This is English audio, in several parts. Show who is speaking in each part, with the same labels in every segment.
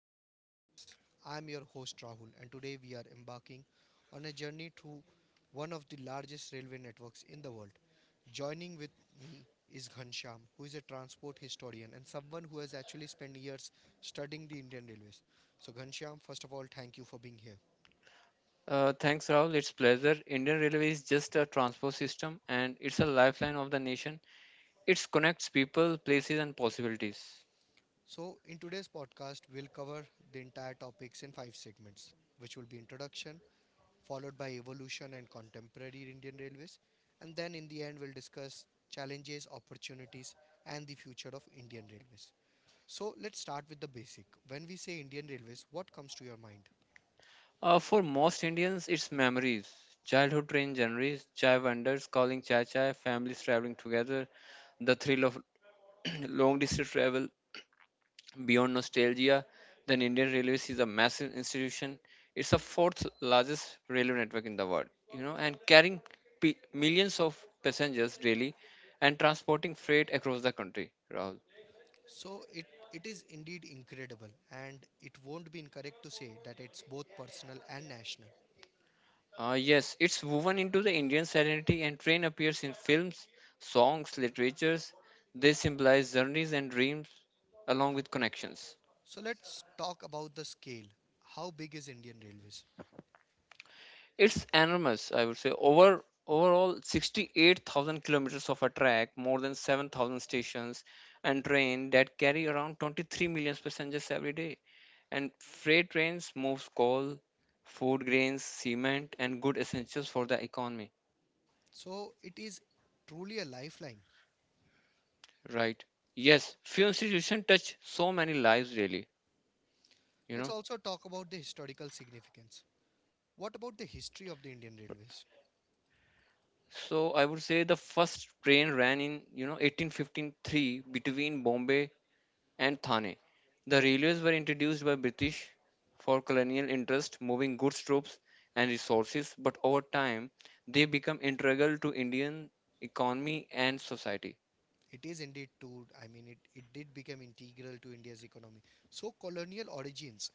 Speaker 1: on Indian Railways. I am your host Rahul and today we are embarking on a journey through one of the largest railway networks in the world. Joining with me is Ghanshyam, who is a transport historian and someone who has actually spent years studying the Indian Railways. So Ghanshyam, first of all, thank you for being here.
Speaker 2: Thanks, Rahul. It's pleasure. Indian Railway is just a transport system, and it's a lifeline of the nation. It connects people, places, and possibilities.
Speaker 1: So in today's podcast, we'll cover the entire topics in five segments, which will be introduction, followed by evolution and contemporary Indian Railways, and then in the end, we'll discuss challenges, opportunities, and the future of Indian Railways. So, let's start with the basic. When we say Indian Railways, what comes to your mind?
Speaker 2: For most Indians, it's memories. Childhood train journeys, chai vendors calling chai chai, families traveling together, the thrill of long distance travel, beyond nostalgia, the Indian Railways is a massive institution. It's the fourth largest railway network in the world, you know, and carrying millions of passengers daily and transporting freight across the country, Rahul.
Speaker 1: So, it is indeed incredible, and it won't be incorrect to say that it's both personal and national.
Speaker 2: Yes, it's woven into the Indian identity and train appears in films, songs, literatures. They symbolize journeys and dreams along with connections.
Speaker 1: So, let's talk about the scale. How big is Indian Railways?
Speaker 2: It's enormous, I would say. Overall, 68,000 kilometers of a track, more than 7,000 stations and train that carry around 23 million passengers every day. And freight trains move coal, food grains, cement, and good essentials for the economy.
Speaker 1: So, it is truly a lifeline.
Speaker 2: Right. Yes, few institutions touch so many lives really, you
Speaker 1: Let's
Speaker 2: know.
Speaker 1: also talk about the historical significance. What about the history of the Indian Railways?
Speaker 2: So I would say the first train ran in, you know, 1853 between Bombay and Thane. The railways were introduced by British for colonial interest, moving goods, troops, and resources, but over time they become integral to Indian economy and society.
Speaker 1: It is indeed too, I mean, it did become integral to India's economy. So, colonial origins.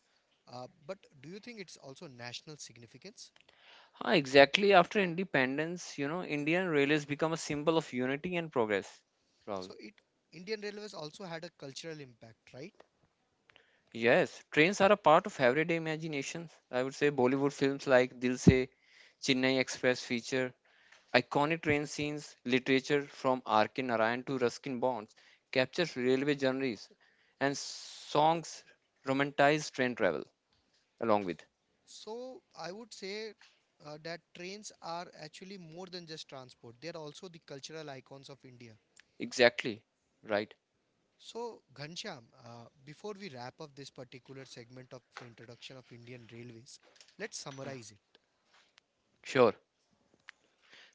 Speaker 1: But do you think it's also national significance?
Speaker 2: Exactly, after independence, you know, Indian railways become a symbol of unity and progress, Rahul.
Speaker 1: So, it Indian Railways also had a cultural impact, right?
Speaker 2: Yes, trains are a part of everyday imaginations. I would say Bollywood films like Dil Se, Chennai Express feature iconic train scenes, literature from R.K. Narayan to Ruskin Bonds captures railway journeys, and songs romanticize train travel along with.
Speaker 1: So, I would say that trains are actually more than just transport, they are also the cultural icons of India.
Speaker 2: Exactly. Right.
Speaker 1: So, Ghanshyam, before we wrap up this particular segment of the introduction of Indian Railways, let's summarize it.
Speaker 2: Sure.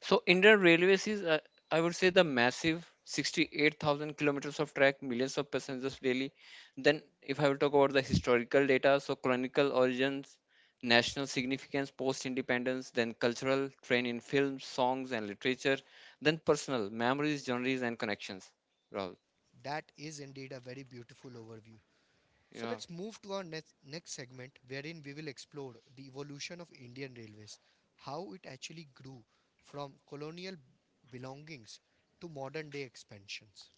Speaker 2: So Indian Railways is, I would say, the massive 68,000 kilometers of track, millions of passengers daily. Then, if I will talk about the historical data, so chronicle origins, national significance, post-independence, then cultural, train in films, songs, and literature, then personal memories, journeys, and connections. Rahul,
Speaker 1: That is indeed a very beautiful overview. So
Speaker 2: yeah.
Speaker 1: let's move to our next segment wherein we will explore the evolution of Indian railways, how it actually grew from colonial belongings to modern day expansions.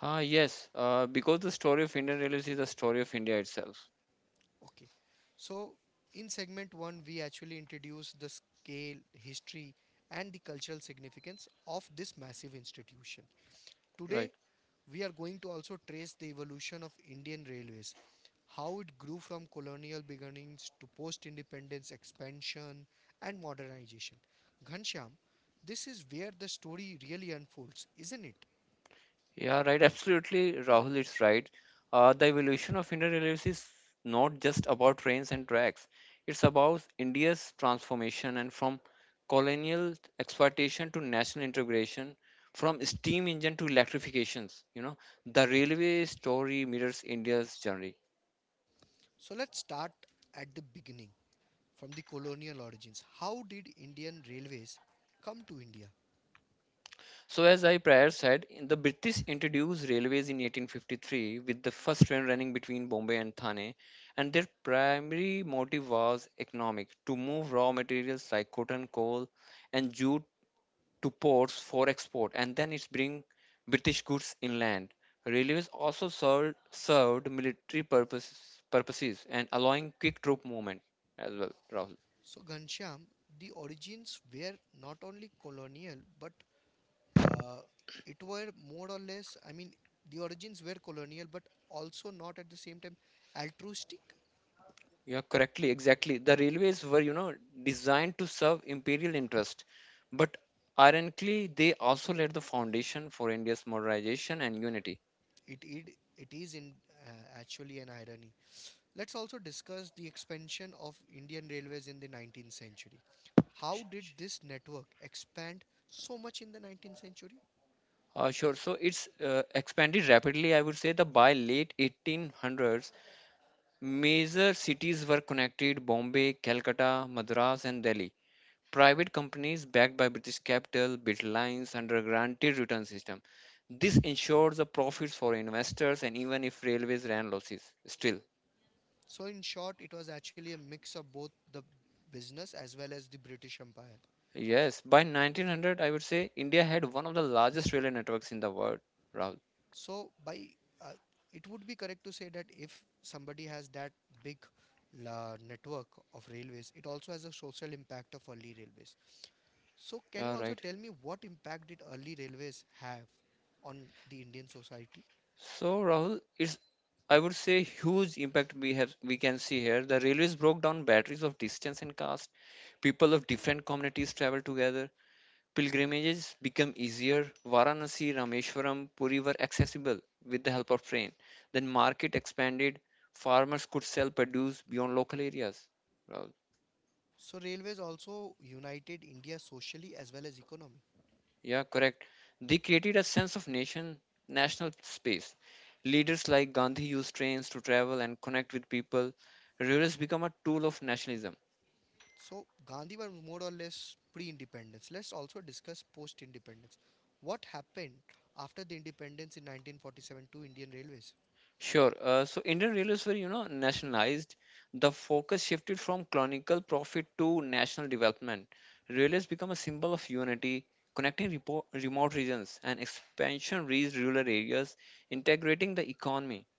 Speaker 2: Yes. Because the story of Indian Railways is the story of India itself.
Speaker 1: Okay. So in segment 1 we actually introduced the scale, history and the cultural significance of this massive institution. Today
Speaker 2: Right.
Speaker 1: we are going to also trace the evolution of Indian railways, how it grew from colonial beginnings to post independence expansion and modernization. Ghanshyam, this is where the story really unfolds, isn't it?
Speaker 2: Yeah, right. Absolutely, Rahul is right. The evolution of Indian railways is not just about trains and tracks. It's about India's transformation and from colonial exploitation to national integration, from steam engine to electrifications. You know, the railway story mirrors India's journey.
Speaker 1: So let's start at the beginning from the colonial origins. How did Indian railways come to India?
Speaker 2: So, as I prior said, the British introduced railways in 1853 with the first train running between Bombay and Thane, and their primary motive was economic to move raw materials like cotton, coal, and jute to ports for export, and then it's bring British goods inland. Railways also served military purposes and allowing quick troop movement as well, Rahul.
Speaker 1: So, Ghanshyam, the origins were not only colonial but Uh, it were more or less, I mean, the origins were colonial, but also not at the same time altruistic.
Speaker 2: Yeah, correctly, exactly. The railways were, you know, designed to serve imperial interest, but ironically, they also laid the foundation for India's modernization and unity.
Speaker 1: It is in actually an irony. Let's also discuss the expansion of Indian railways in the 19th century.
Speaker 2: Sh-
Speaker 1: How did
Speaker 2: sh-
Speaker 1: this network expand so much in the 19th century?
Speaker 2: Sure. So it's expanded rapidly. I would say that by late 1800s, major cities were connected: Bombay, Calcutta, Madras, and Delhi. Private companies backed by British capital built lines under a guaranteed return system. This ensures the profits for investors and even if railways ran losses, still.
Speaker 1: So, in short, it was actually a mix of both the business as well as the British Empire.
Speaker 2: Yes, by 1900, I would say India had one of the largest railway networks in the world, Rahul.
Speaker 1: So by uh, it would be correct to say that if somebody has that big la network of railways, it also has a social impact of early railways. So can you
Speaker 2: Yeah,
Speaker 1: also
Speaker 2: right.
Speaker 1: tell me what impact did early railways have on the Indian society?
Speaker 2: So, Rahul, it's I would say huge impact we can see here. The railways broke down batteries of distance and caste. People of different communities traveled together. Pilgrimages become easier. Varanasi, Rameshwaram, Puri were accessible with the help of train. Then market expanded. Farmers could sell produce beyond local areas. Well,
Speaker 1: So railways also united India socially as well as economy.
Speaker 2: yeah, correct. They created a sense of nation, national space. Leaders like Gandhi used trains to travel and connect with people. Rivers become a tool of nationalism.
Speaker 1: So Gandhi was more or less pre-independence. Let's also discuss post-independence. What happened after the independence in 1947 to Indian railways?
Speaker 2: Sure. So Indian railways were, you know, nationalized. The focus shifted from colonial profit to national development. Railways become a symbol of unity, connecting remote regions and expansion reached rural areas, integrating the economy.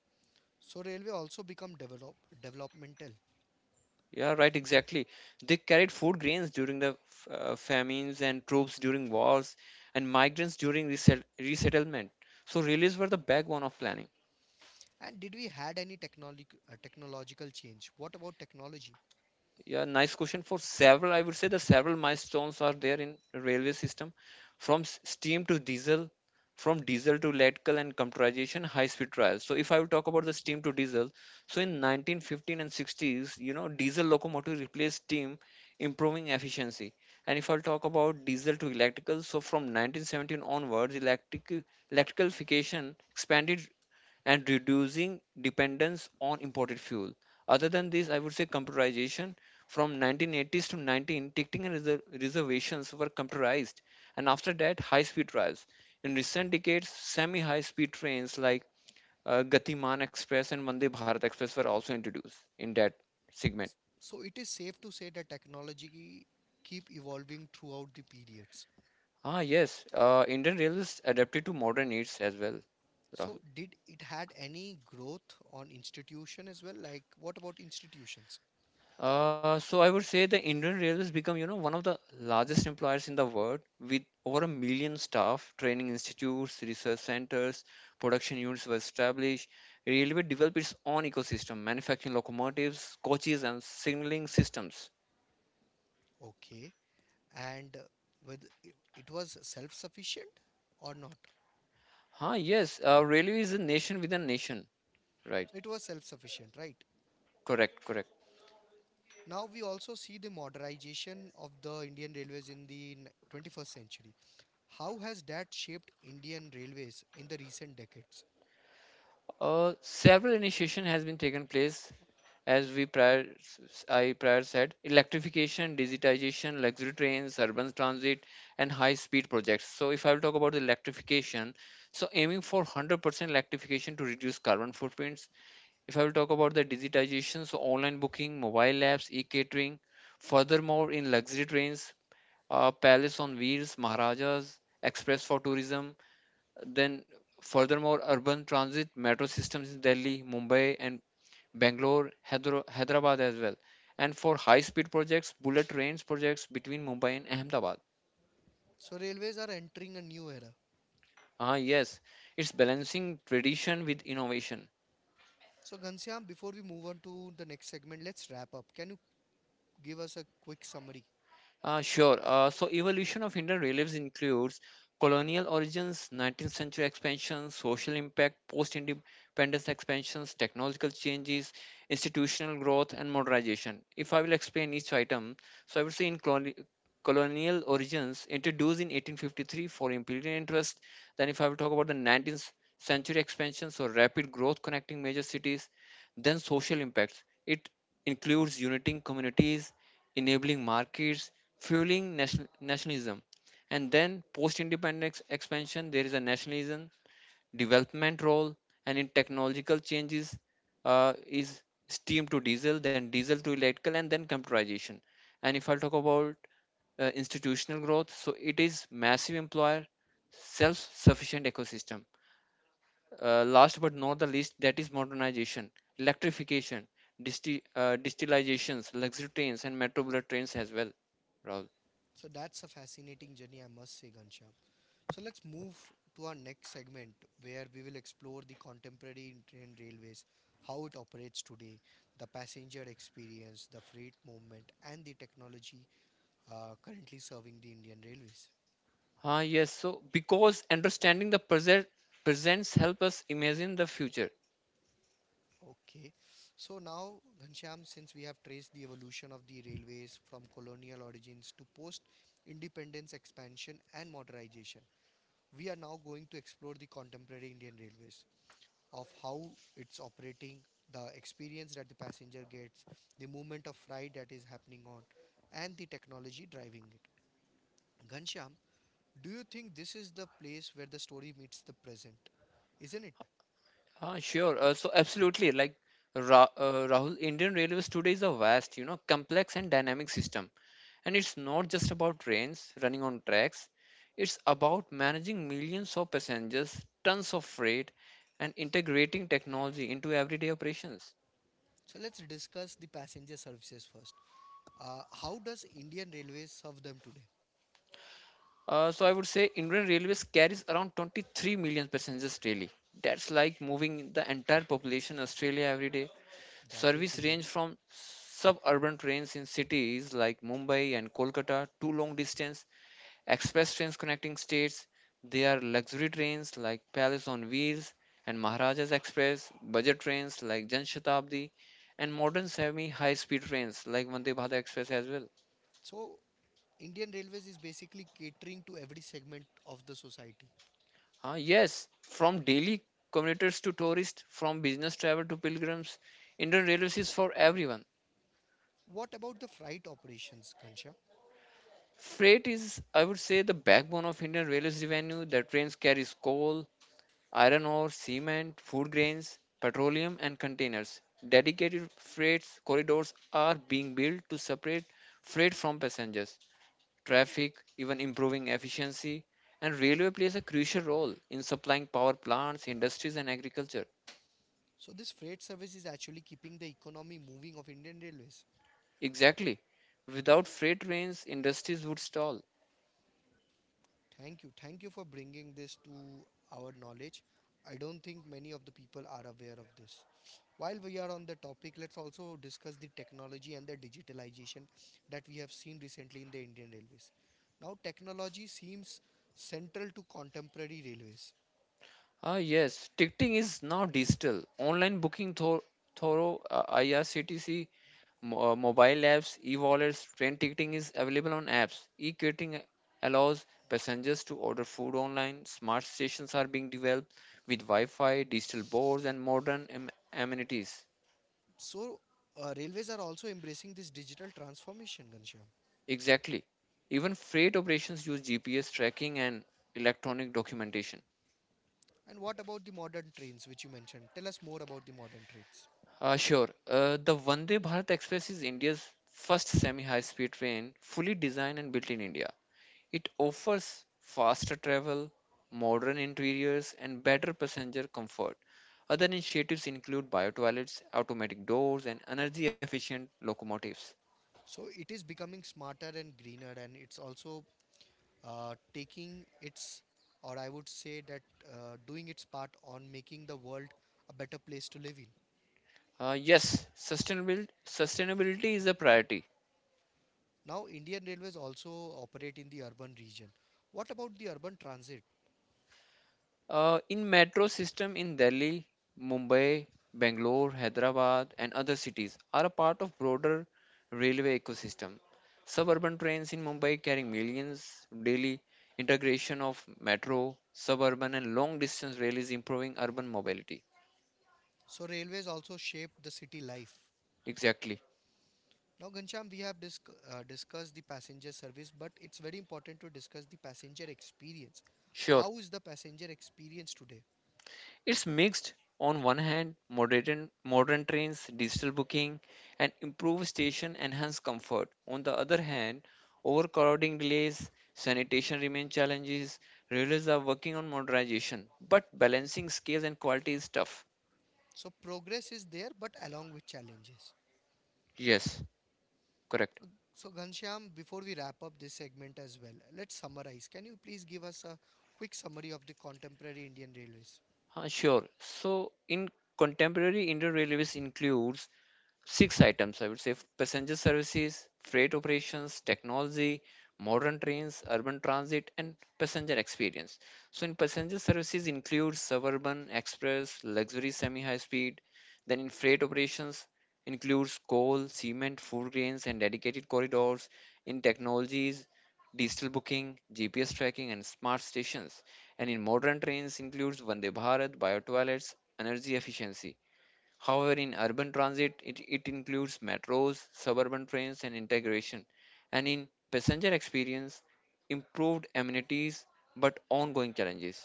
Speaker 1: So railway also become developmental.
Speaker 2: Yeah, right, exactly. They carried food grains during the famines and troops during wars and migrants during resettlement. So railways were the backbone of planning.
Speaker 1: And did we had any technology technological change? What about technology?
Speaker 2: Yeah, nice question. For several, I would say the several milestones are there in railway system, from steam to diesel, from diesel to electrical and computerization, high speed trials. So if I will talk about the steam to diesel, so in 1915 and 60s, you know, diesel locomotive replaced steam, improving efficiency. And if I'll talk about diesel to electrical, so from 1917 onwards electric electricalification expanded and reducing dependence on imported fuel. Other than this, I would say computerization from 1980s to 19, ticketing and reservations were computerized, and after that, high-speed trials. In recent decades, semi-high-speed trains like Gatiman Express and Vande Bharat Express were also introduced in that segment.
Speaker 1: So it is safe to say that technology keep evolving throughout the periods.
Speaker 2: Yes, Indian Railways adapted to modern needs as well, Rahul.
Speaker 1: So did it had any growth on institution as well? Like what about institutions?
Speaker 2: So I would say the Indian Railways become, you know, one of the largest employers in the world with over a million staff, training institutes, research centers, production units were established. Railway developed its own ecosystem, manufacturing locomotives, coaches, and signaling systems.
Speaker 1: Okay, and whether it was self sufficient or not?
Speaker 2: Yes, railway is a nation within a nation. Right,
Speaker 1: So it was self sufficient, right?
Speaker 2: correct, correct.
Speaker 1: Now we also see the modernization of the Indian Railways in the 21st century. How has that shaped Indian Railways in the recent decades?
Speaker 2: Several initiation has been taken place as we prior said electrification, digitization, luxury trains, urban transit, and high speed projects. So if I will talk about the electrification, so aiming for 100% electrification to reduce carbon footprints. If I will talk about the digitization, so online booking, mobile apps, e-catering. Furthermore, in luxury trains, palace on wheels, Maharajas, express for tourism, then, furthermore, urban transit metro systems in Delhi, Mumbai, and Bangalore, Hyderabad as well. And for high speed projects, bullet trains projects between Mumbai and Ahmedabad.
Speaker 1: So railways are entering a new era.
Speaker 2: Yes, it's balancing tradition with innovation.
Speaker 1: So Ghanshyam, before we move on to the next segment, let's wrap up. Can you give us a quick summary?
Speaker 2: Sure. So, evolution of Indian reliefs includes colonial origins, 19th century expansion, social impact, post independence expansions, technological changes, institutional growth, and modernization. If I will explain each item, so I would say in colonial origins, introduced in 1853 for imperial interest. Then, if I will talk about the 19th century expansion, so rapid growth connecting major cities, then social impacts. It includes uniting communities, enabling markets, fueling nationalism. And then post independence expansion, there is a nationalism, development role, and in technological changes is steam to diesel, then diesel to electrical, and then computerization. And if I talk about institutional growth, so it is massive employer, self sufficient ecosystem. Last but not the least, that is modernization, electrification, distilizations, luxury trains, and metro bullet trains as well, Rahul.
Speaker 1: So that's a fascinating journey, I must say, Ghanshyam. So let's move to our next segment where we will explore the contemporary train railways, how it operates today, the passenger experience, the freight movement, and the technology currently serving the Indian railways.
Speaker 2: Yes. So because understanding the present presents help us imagine the future.
Speaker 1: Okay, so now Ghanshyam, since we have traced the evolution of the railways from colonial origins to post independence expansion and modernization, we are now going to explore the contemporary Indian railways. Of how it's operating, the experience that the passenger gets, the movement of freight that is happening on, and the technology driving it. Ghanshyam, do you think this is the place where the story meets the present? Isn't it?
Speaker 2: Sure. So absolutely, like Rahul, Indian Railways today is a vast, you know, complex and dynamic system, and it's not just about trains running on tracks. It's about managing millions of passengers, tons of freight, and integrating technology into everyday operations.
Speaker 1: So let's discuss the passenger services first. How does Indian Railways serve them today?
Speaker 2: So I would say Indian Railways carries around 23 million passengers daily. That's like moving the entire population Australia every day.
Speaker 1: That is
Speaker 2: Service
Speaker 1: immense.
Speaker 2: range from suburban trains in cities like Mumbai and Kolkata to long distance express trains connecting states. There are luxury trains like Palace on Wheels and Maharajas Express, budget trains like Jan Shatabdi, and modern semi high speed trains like Vande Bharat Express as well.
Speaker 1: So, Indian Railways is basically catering to every segment of the society.
Speaker 2: Yes, from daily commuters to tourists, from business travel to pilgrims, Indian Railways is for everyone.
Speaker 1: What about the freight operations, Ghanshyam?
Speaker 2: Freight is, I would say, the backbone of Indian railways revenue. The trains carries coal, iron ore, cement, food grains, petroleum, and containers. Dedicated freight corridors are being built to separate freight from passengers, traffic, even improving efficiency. And railway plays a crucial role in supplying power plants, industries, and agriculture.
Speaker 1: So this freight service is actually keeping the economy moving of Indian Railways.
Speaker 2: Exactly. Without freight trains, industries would stall.
Speaker 1: Thank you. Thank you for bringing this to our knowledge. I don't think many of the people are aware of this. While we are on the topic, let's also discuss the technology and the digitalization that we have seen recently in the Indian Railways. Now, technology seems central to contemporary railways.
Speaker 2: Yes, ticketing is now digital. Online booking thorough IRCTC mobile apps, e-wallets, train ticketing is available on apps. E-catering allows passengers to order food online. Smart stations are being developed with Wi-Fi, digital boards, and modern amenities.
Speaker 1: So, railways are also embracing this digital transformation, Ghanshyam.
Speaker 2: Exactly. Even freight operations use GPS tracking and electronic documentation.
Speaker 1: And what about the modern trains, which you mentioned? Tell us more about the modern trains.
Speaker 2: Sure. The Vande Bharat Express is India's first semi high speed train fully designed and built in India. It offers faster travel, modern interiors, and better passenger comfort. Other initiatives include bio toilets, automatic doors, and energy efficient locomotives.
Speaker 1: So it is becoming smarter and greener, and it's also taking its, or I would say that doing its part on making the world a better place to live in.
Speaker 2: Yes, sustainability is a priority.
Speaker 1: Now, Indian Railways also operate in the urban region. What about the urban transit?
Speaker 2: In metro system in Delhi, Mumbai, Bangalore, Hyderabad, and other cities are a part of broader railway ecosystem. Suburban trains in Mumbai carrying millions daily. Integration of metro, suburban, and long distance rail is improving urban mobility.
Speaker 1: So, railways also shape the city life.
Speaker 2: Exactly.
Speaker 1: Now, Gansham, we have discussed the passenger service, but it's very important to discuss the passenger experience.
Speaker 2: Sure.
Speaker 1: How is the passenger experience today?
Speaker 2: It's mixed. On one hand, modern trains, digital booking, and improved station enhance comfort. On the other hand, overcrowding delays, sanitation remain challenges. Railways are working on modernization, but balancing scale and quality is tough.
Speaker 1: So, progress is there, but along with challenges.
Speaker 2: Yes, correct.
Speaker 1: So, Ghanshyam, before we wrap up this segment as well, let's summarize. Can you please give us a quick summary of the contemporary Indian Railways?
Speaker 2: Sure. So in contemporary Indian Railways includes 6 items, I would say passenger services, freight operations, technology, modern trains, urban transit, and passenger experience. So, in passenger services, includes suburban, express, luxury, semi high speed. Then, in freight operations, includes coal, cement, food grains, and dedicated corridors. In technologies, digital booking, GPS tracking, and smart stations and in modern trains includes Vande Bharat, biotoilets, energy efficiency. However, in urban transit, it includes metros, suburban trains, and integration. And in passenger experience, improved amenities but ongoing challenges.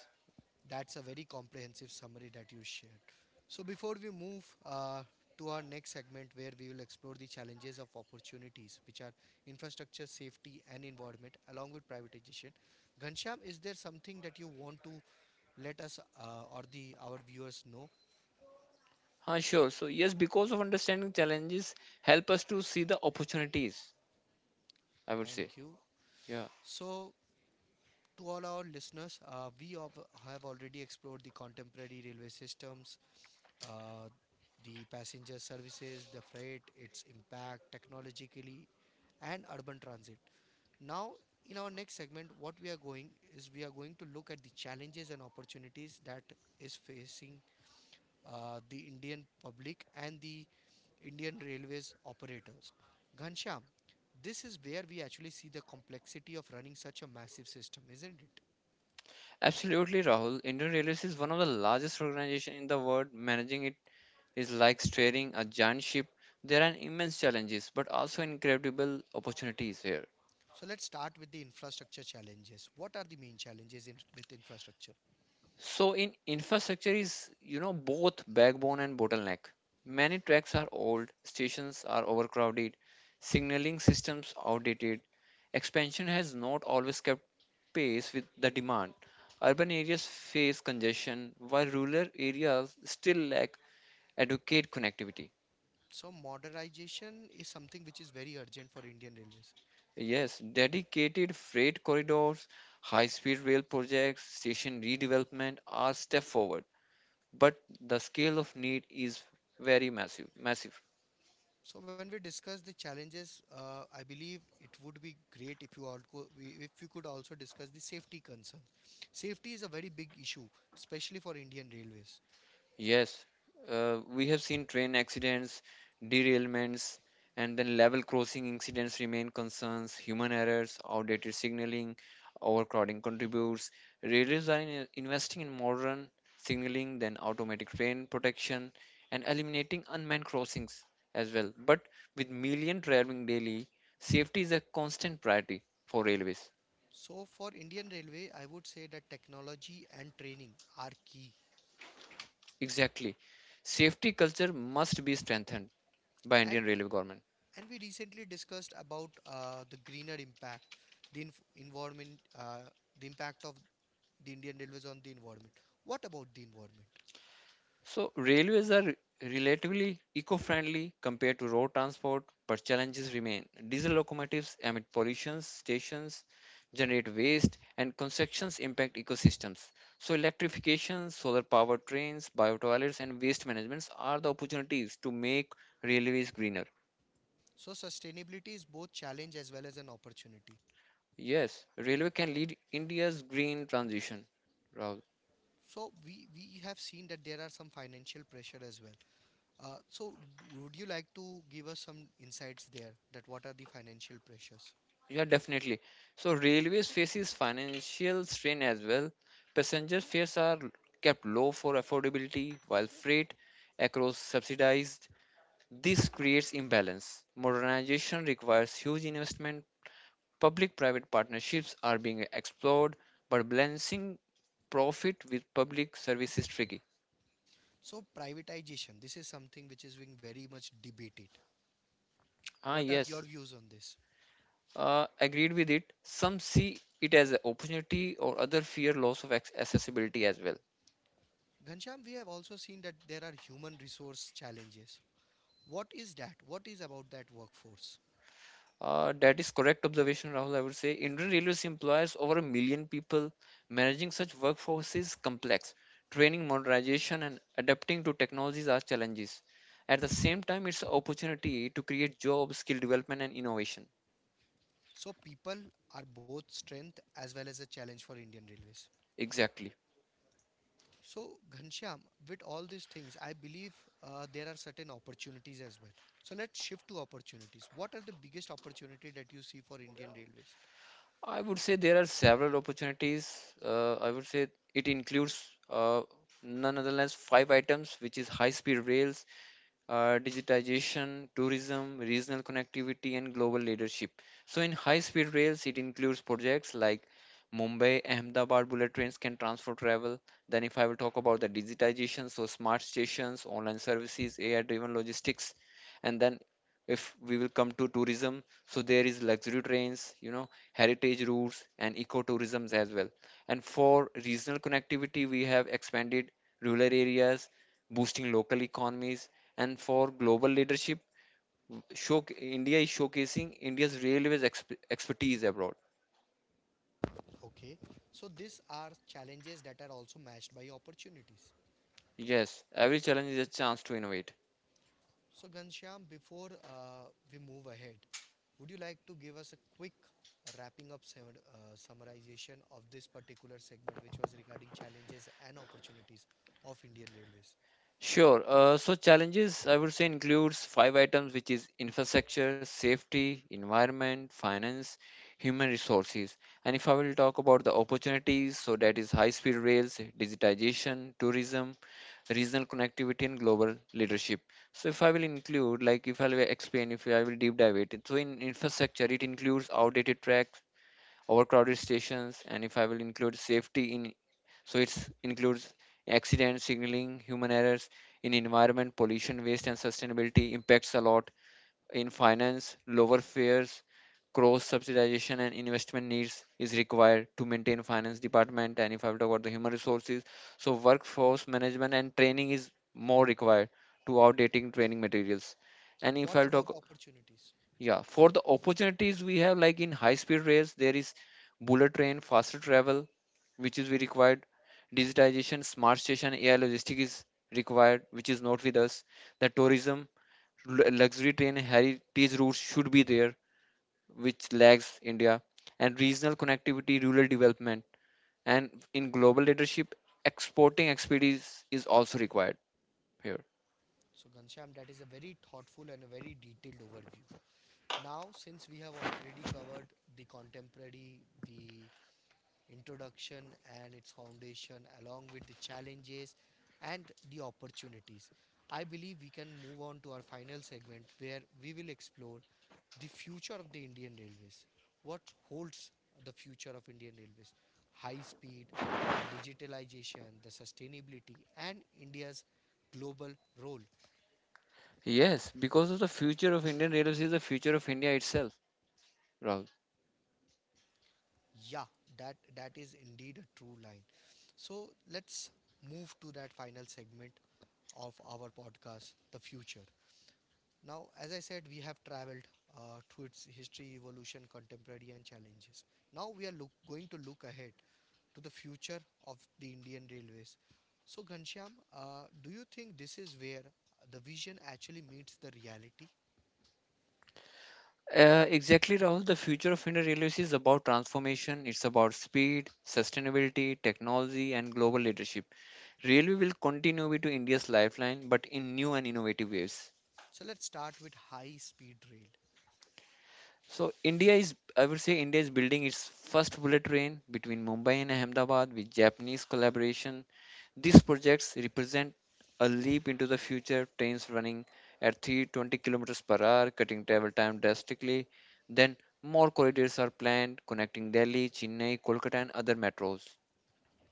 Speaker 1: That's a very comprehensive summary that you shared. So, before we move to our next segment, where we will explore the challenges of opportunities, which are infrastructure, safety, and environment, along with privatization, Ghanshyam, is there something that you want to let us or the our viewers know?
Speaker 2: Sure. So, yes, because of understanding challenges, help us to see the opportunities, I would say.
Speaker 1: Thank you.
Speaker 2: Yeah,
Speaker 1: So, to all our listeners, we have already explored the contemporary railway systems, uh, the passenger services, the freight, its impact technologically, and urban transit. Now, in our next segment, what we are going is we are going to look at the challenges and opportunities that is facing the Indian public and the Indian Railways operators. Ghanshyam, this is where we actually see the complexity of running such a massive system, isn't it?
Speaker 2: absolutely, Rahul. Indian Railways is one of the largest organization in the world, managing it is like steering a giant ship. There are immense challenges, but also incredible opportunities here.
Speaker 1: So let's start with the infrastructure challenges. What are the main challenges with infrastructure?
Speaker 2: So in infrastructure is you know both backbone and bottleneck. Many tracks are old, stations are overcrowded, signaling systems outdated. Expansion has not always kept pace with the demand. Urban areas face congestion while rural areas still lack adequate connectivity.
Speaker 1: So modernization is something which is very urgent for Indian Railways.
Speaker 2: Yes, dedicated freight corridors, high-speed rail projects, station redevelopment are step forward, but the scale of need is very massive.
Speaker 1: So when we discuss the challenges, I believe it would be great if you all if you could also discuss the safety concerns. Safety is a very big issue, especially for Indian Railways.
Speaker 2: Yes, we have seen train accidents, derailments, and then level crossing incidents remain concerns. Human errors, outdated signaling, overcrowding contributes. Railways are investing in modern signaling, then automatic train protection, and eliminating unmanned crossings as well. But with million traveling daily, safety is a constant priority for railways.
Speaker 1: So for Indian Railway, I would say that technology and training are key.
Speaker 2: Exactly. Safety culture must be strengthened by
Speaker 1: and
Speaker 2: Indian railway government.
Speaker 1: and we recently discussed about the greener impact, the environment, the impact of the Indian Railways on the environment. What about the environment?
Speaker 2: So, railways are relatively eco friendly compared to road transport, but challenges remain. Diesel locomotives emit pollution, stations generate waste, and constructions impact ecosystems. So, electrification, solar powered trains, bio toilets, and waste management are the opportunities to make railways greener.
Speaker 1: So sustainability is both challenge as well as an opportunity.
Speaker 2: Yes, railway can lead India's green transition, Rahul.
Speaker 1: So we have seen that there are some financial pressure as well. So would you like to give us some insights there that what are the financial pressures?
Speaker 2: Yeah, definitely. So railways faces financial strain as well. Passenger fares are kept low for affordability, while freight across subsidized. This creates imbalance. Modernization requires huge investment. Public-private partnerships are being explored, but balancing profit with public service is tricky.
Speaker 1: So privatization, this is something which is being very much debated.
Speaker 2: Ah,
Speaker 1: What are your
Speaker 2: yes,
Speaker 1: views on this?
Speaker 2: agreed with it. Some see it as an opportunity, or other fear loss of accessibility as well.
Speaker 1: Ghanshyam, we have also seen that there are human resource challenges. What is that? What is about that workforce?
Speaker 2: That is correct observation, Rahul. I would say Indian Railways employs over a million people. Managing such workforce is complex. Training, modernization, and adapting to technologies are challenges. At the same time, it's an opportunity to create jobs, skill development, and innovation.
Speaker 1: So people are both strength as well as a challenge for Indian Railways.
Speaker 2: Exactly.
Speaker 1: So Ghanshyam, with all these things, I believe there are certain opportunities as well. So let's shift to opportunities. What are the biggest opportunity that you see for Indian Railways?
Speaker 2: I would say there are several opportunities. I would say it includes none other than five items, which is high-speed rails, digitization, tourism, regional connectivity, and global leadership. So, in high speed rails, it includes projects like Mumbai Ahmedabad bullet trains can transfer travel. Then, if I will talk about the digitization, so smart stations, online services, AI driven logistics, and then if we will come to tourism, so there is luxury trains, you know, heritage routes and ecotourism as well. And for regional connectivity, we have expanded rural areas, boosting local economies. And for global leadership, show, India is showcasing India's railways expertise abroad.
Speaker 1: Okay, so these are challenges that are also matched by opportunities.
Speaker 2: Yes, every challenge is a chance to innovate.
Speaker 1: So, Ghanshyam, before we move ahead, would you like to give us a quick wrapping up summarization of this particular segment, which was regarding challenges and opportunities of Indian Railways?
Speaker 2: Sure. So challenges I would say includes five items, which is infrastructure, safety, environment, finance, human resources. And if I will talk about the opportunities, so that is high-speed rails, digitization, tourism, regional connectivity, and global leadership. So if I will include, like if I will explain, if I will deep dive it. So in infrastructure, it includes outdated tracks, overcrowded stations, and if I will include safety in, so it includes accidents, signaling, human errors in environment, pollution, waste, and sustainability impacts a lot in finance, lower fares, cross subsidization and investment needs is required to maintain finance department. And if I will talk about the human resources, so workforce management and training is more required to outdating training materials. And if I
Speaker 1: What
Speaker 2: will
Speaker 1: about
Speaker 2: talk.
Speaker 1: opportunities?
Speaker 2: Yeah, for the opportunities we have, like in high speed rails, there is bullet train, faster travel, which is we required. Digitization, smart station, AI logistic is required, which is not with us. The tourism, luxury train, heritage routes should be there, which lags India. And regional connectivity, rural development, and in global leadership, exporting expertise is also required here.
Speaker 1: So, Ghanshyam, that is a very thoughtful and a very detailed overview. Now, since we have already covered the contemporary, the introduction and its foundation, along with the challenges and the opportunities. I believe we can move on to our final segment where we will explore the future of the Indian Railways. What holds the future of Indian Railways? High speed, the digitalization, the sustainability, and India's global role.
Speaker 2: Yes, because of the future of Indian railways is the future of India itself, Rahul.
Speaker 1: Yeah, that is indeed a true line. So let's move to that final segment of our podcast, the future. Now, as I said, we have traveled through its history, evolution, contemporary, and challenges. Now we are going to look ahead to the future of the Indian railways. So, Ghanshyam, do you think this is where the vision actually meets the reality?
Speaker 2: Exactly, Rahul. The future of Indian Railways is about transformation. It's about speed, sustainability, technology, and global leadership. Railway will continue to be India's lifeline, but in new and innovative ways.
Speaker 1: So, let's start with high speed rail.
Speaker 2: So India is, I would say, India is building its first bullet train between Mumbai and Ahmedabad with Japanese collaboration. These projects represent a leap into the future. Trains running at 320 kilometers per hour, cutting travel time drastically. Then more corridors are planned connecting Delhi, Chennai, Kolkata, and other metros.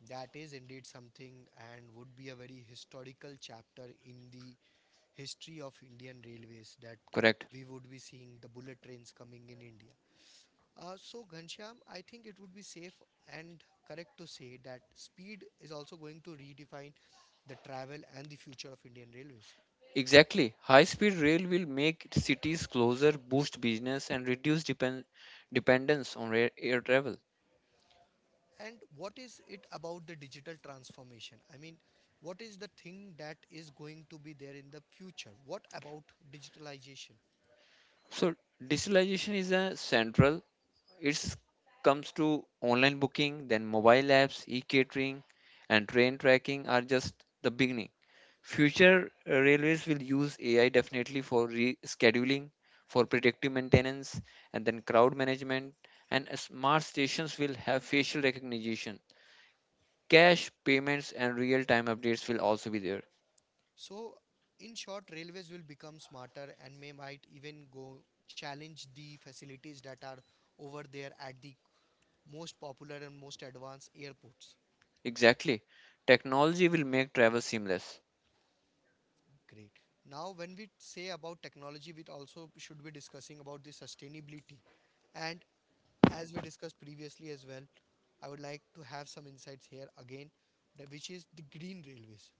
Speaker 1: That is indeed something and would be a very historical chapter in the history of Indian railways that
Speaker 2: Correct.
Speaker 1: we would be seeing the bullet trains coming in India. So, Ghanshyam, I think it would be safe and correct to say that speed is also going to redefine the travel and the future of Indian Railways.
Speaker 2: Exactly. High-speed rail will make cities closer, boost business, and reduce dependence on rail air travel.
Speaker 1: And what is it about the digital transformation? I mean, what is the thing that is going to be there in the future? What about digitalization?
Speaker 2: So digitalization is a central. It comes to online booking, then mobile apps, e-catering, and train tracking are just the beginning. Future railways will use AI definitely for rescheduling, for predictive maintenance, and then crowd management. And smart stations will have facial recognition. Cash payments and real-time updates will also be there.
Speaker 1: So, in short, railways will become smarter and may might even go challenge the facilities that are over there at the most popular and most advanced airports.
Speaker 2: Exactly. Technology will make travel seamless.
Speaker 1: Great. Now, when we say about technology, we also should be discussing about the sustainability. And as we discussed previously as well, I would like to have some insights here again, which is the green railways.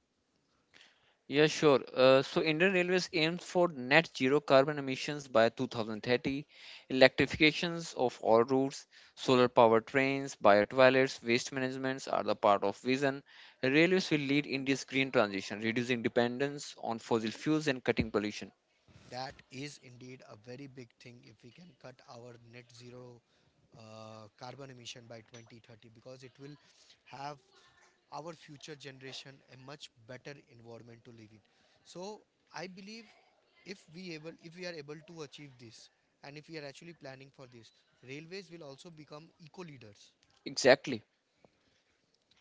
Speaker 2: Yeah, sure. So Indian Railways aims for net zero carbon emissions by 2030, electrifications of all routes, solar power trains, bio toilets, waste managements are the part of vision. Railways will lead India's green transition, reducing dependence on fossil fuels and cutting pollution.
Speaker 1: That is indeed a very big thing if we can cut our net zero carbon emission by 2030 because it will have our future generation a much better environment to live in. So I believe if we are able to achieve this and if we are actually planning for this, railways will also become eco leaders.
Speaker 2: Exactly.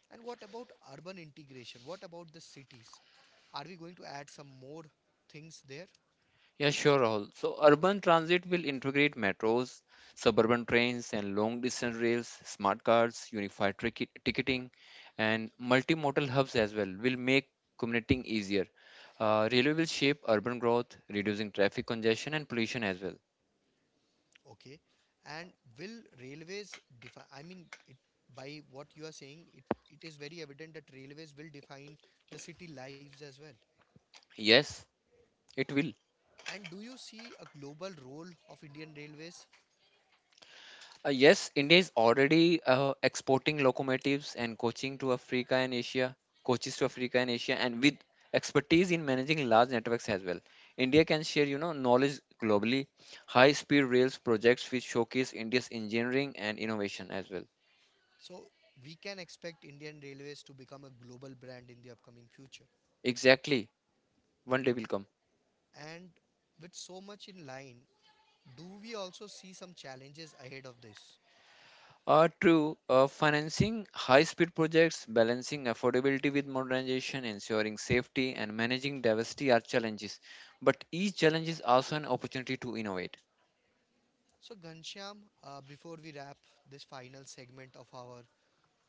Speaker 1: And what about urban integration? What about the cities? Are we going to add some more things there?
Speaker 2: Yeah, sure, Rahul. So, urban transit will integrate metros, suburban trains, and long distance rails, smart cards, unified ticketing, and multimodal hubs as well will make commuting easier. Railway will shape urban growth, reducing traffic congestion and pollution as well.
Speaker 1: Okay. And will railways define, I mean, it, by what you are saying, it is very evident that railways will define the city lives as well.
Speaker 2: Yes, it will.
Speaker 1: And do you see a global role of Indian Railways?
Speaker 2: Yes, India is already exporting locomotives and coaching to Africa and Asia, coaches to Africa and Asia, and with expertise in managing large networks as well. India can share, you know, knowledge globally. High-speed rails projects which showcase India's engineering and innovation as well.
Speaker 1: So we can expect Indian Railways to become a global brand in the upcoming future.
Speaker 2: Exactly, one day will come.
Speaker 1: And with so much in line, do we also see some challenges ahead of this?
Speaker 2: True, financing high-speed projects, balancing affordability with modernization, ensuring safety, and managing diversity are challenges, but each challenge is also an opportunity to innovate.
Speaker 1: So, Ghanshyam, before we wrap this final segment of our,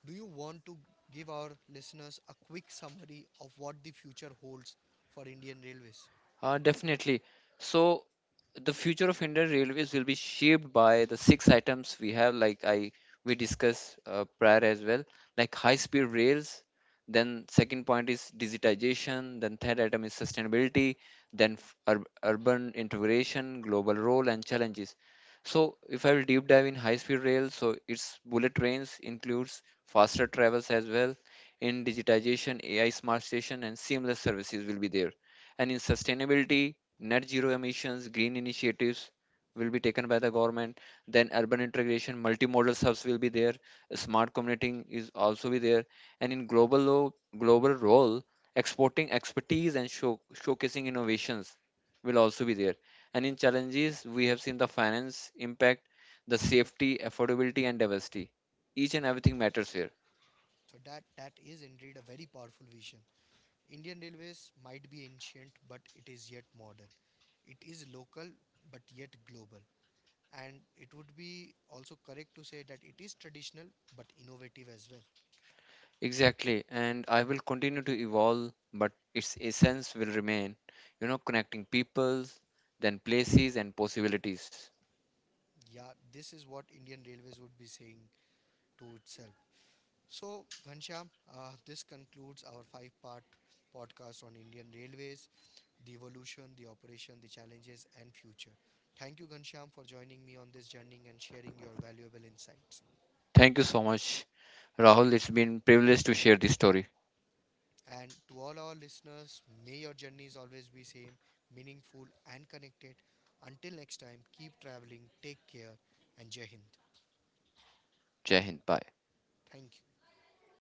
Speaker 1: do you want to give our listeners a quick summary of what the future holds for Indian Railways?
Speaker 2: Definitely. So the future of Indian Railways will be shaped by the six items we have, like I we discussed prior as well, like high-speed rails. Then second point is digitization. Then third item is sustainability. Then urban integration, global role and challenges. So if I will deep dive in high-speed rails, so its bullet trains includes faster travels as well. In digitization, AI smart station and seamless services will be there and in sustainability, net zero emissions, green initiatives will be taken by the government. Then urban integration, multimodal hubs will be there. Smart commuting is also be there. And in global global role, exporting expertise and showcasing innovations will also be there. And in challenges, we have seen the finance impact, the safety, affordability, and diversity. Each and everything matters here.
Speaker 1: So that is indeed a very powerful vision. Indian Railways might be ancient, but it is yet modern. It is local, but yet global. And it would be also correct to say that it is traditional, but innovative as well.
Speaker 2: Exactly, and I will continue to evolve, but its essence will remain, you know, connecting peoples, then places and possibilities.
Speaker 1: Yeah, this is what Indian Railways would be saying to itself. So, Ghanshyam, this concludes our five-part podcast on Indian Railways, the evolution, the operation, the challenges, and future. Thank you, Ghanshyam, for joining me on this journey and sharing your valuable insights.
Speaker 2: Thank you so much, Rahul. It's been privilege to share this story.
Speaker 1: And to all our listeners, may your journeys always be same, meaningful, and connected. Until next time, keep traveling, take care, and Jai Hind.
Speaker 2: Jai Hind. Bye.
Speaker 1: Thank you.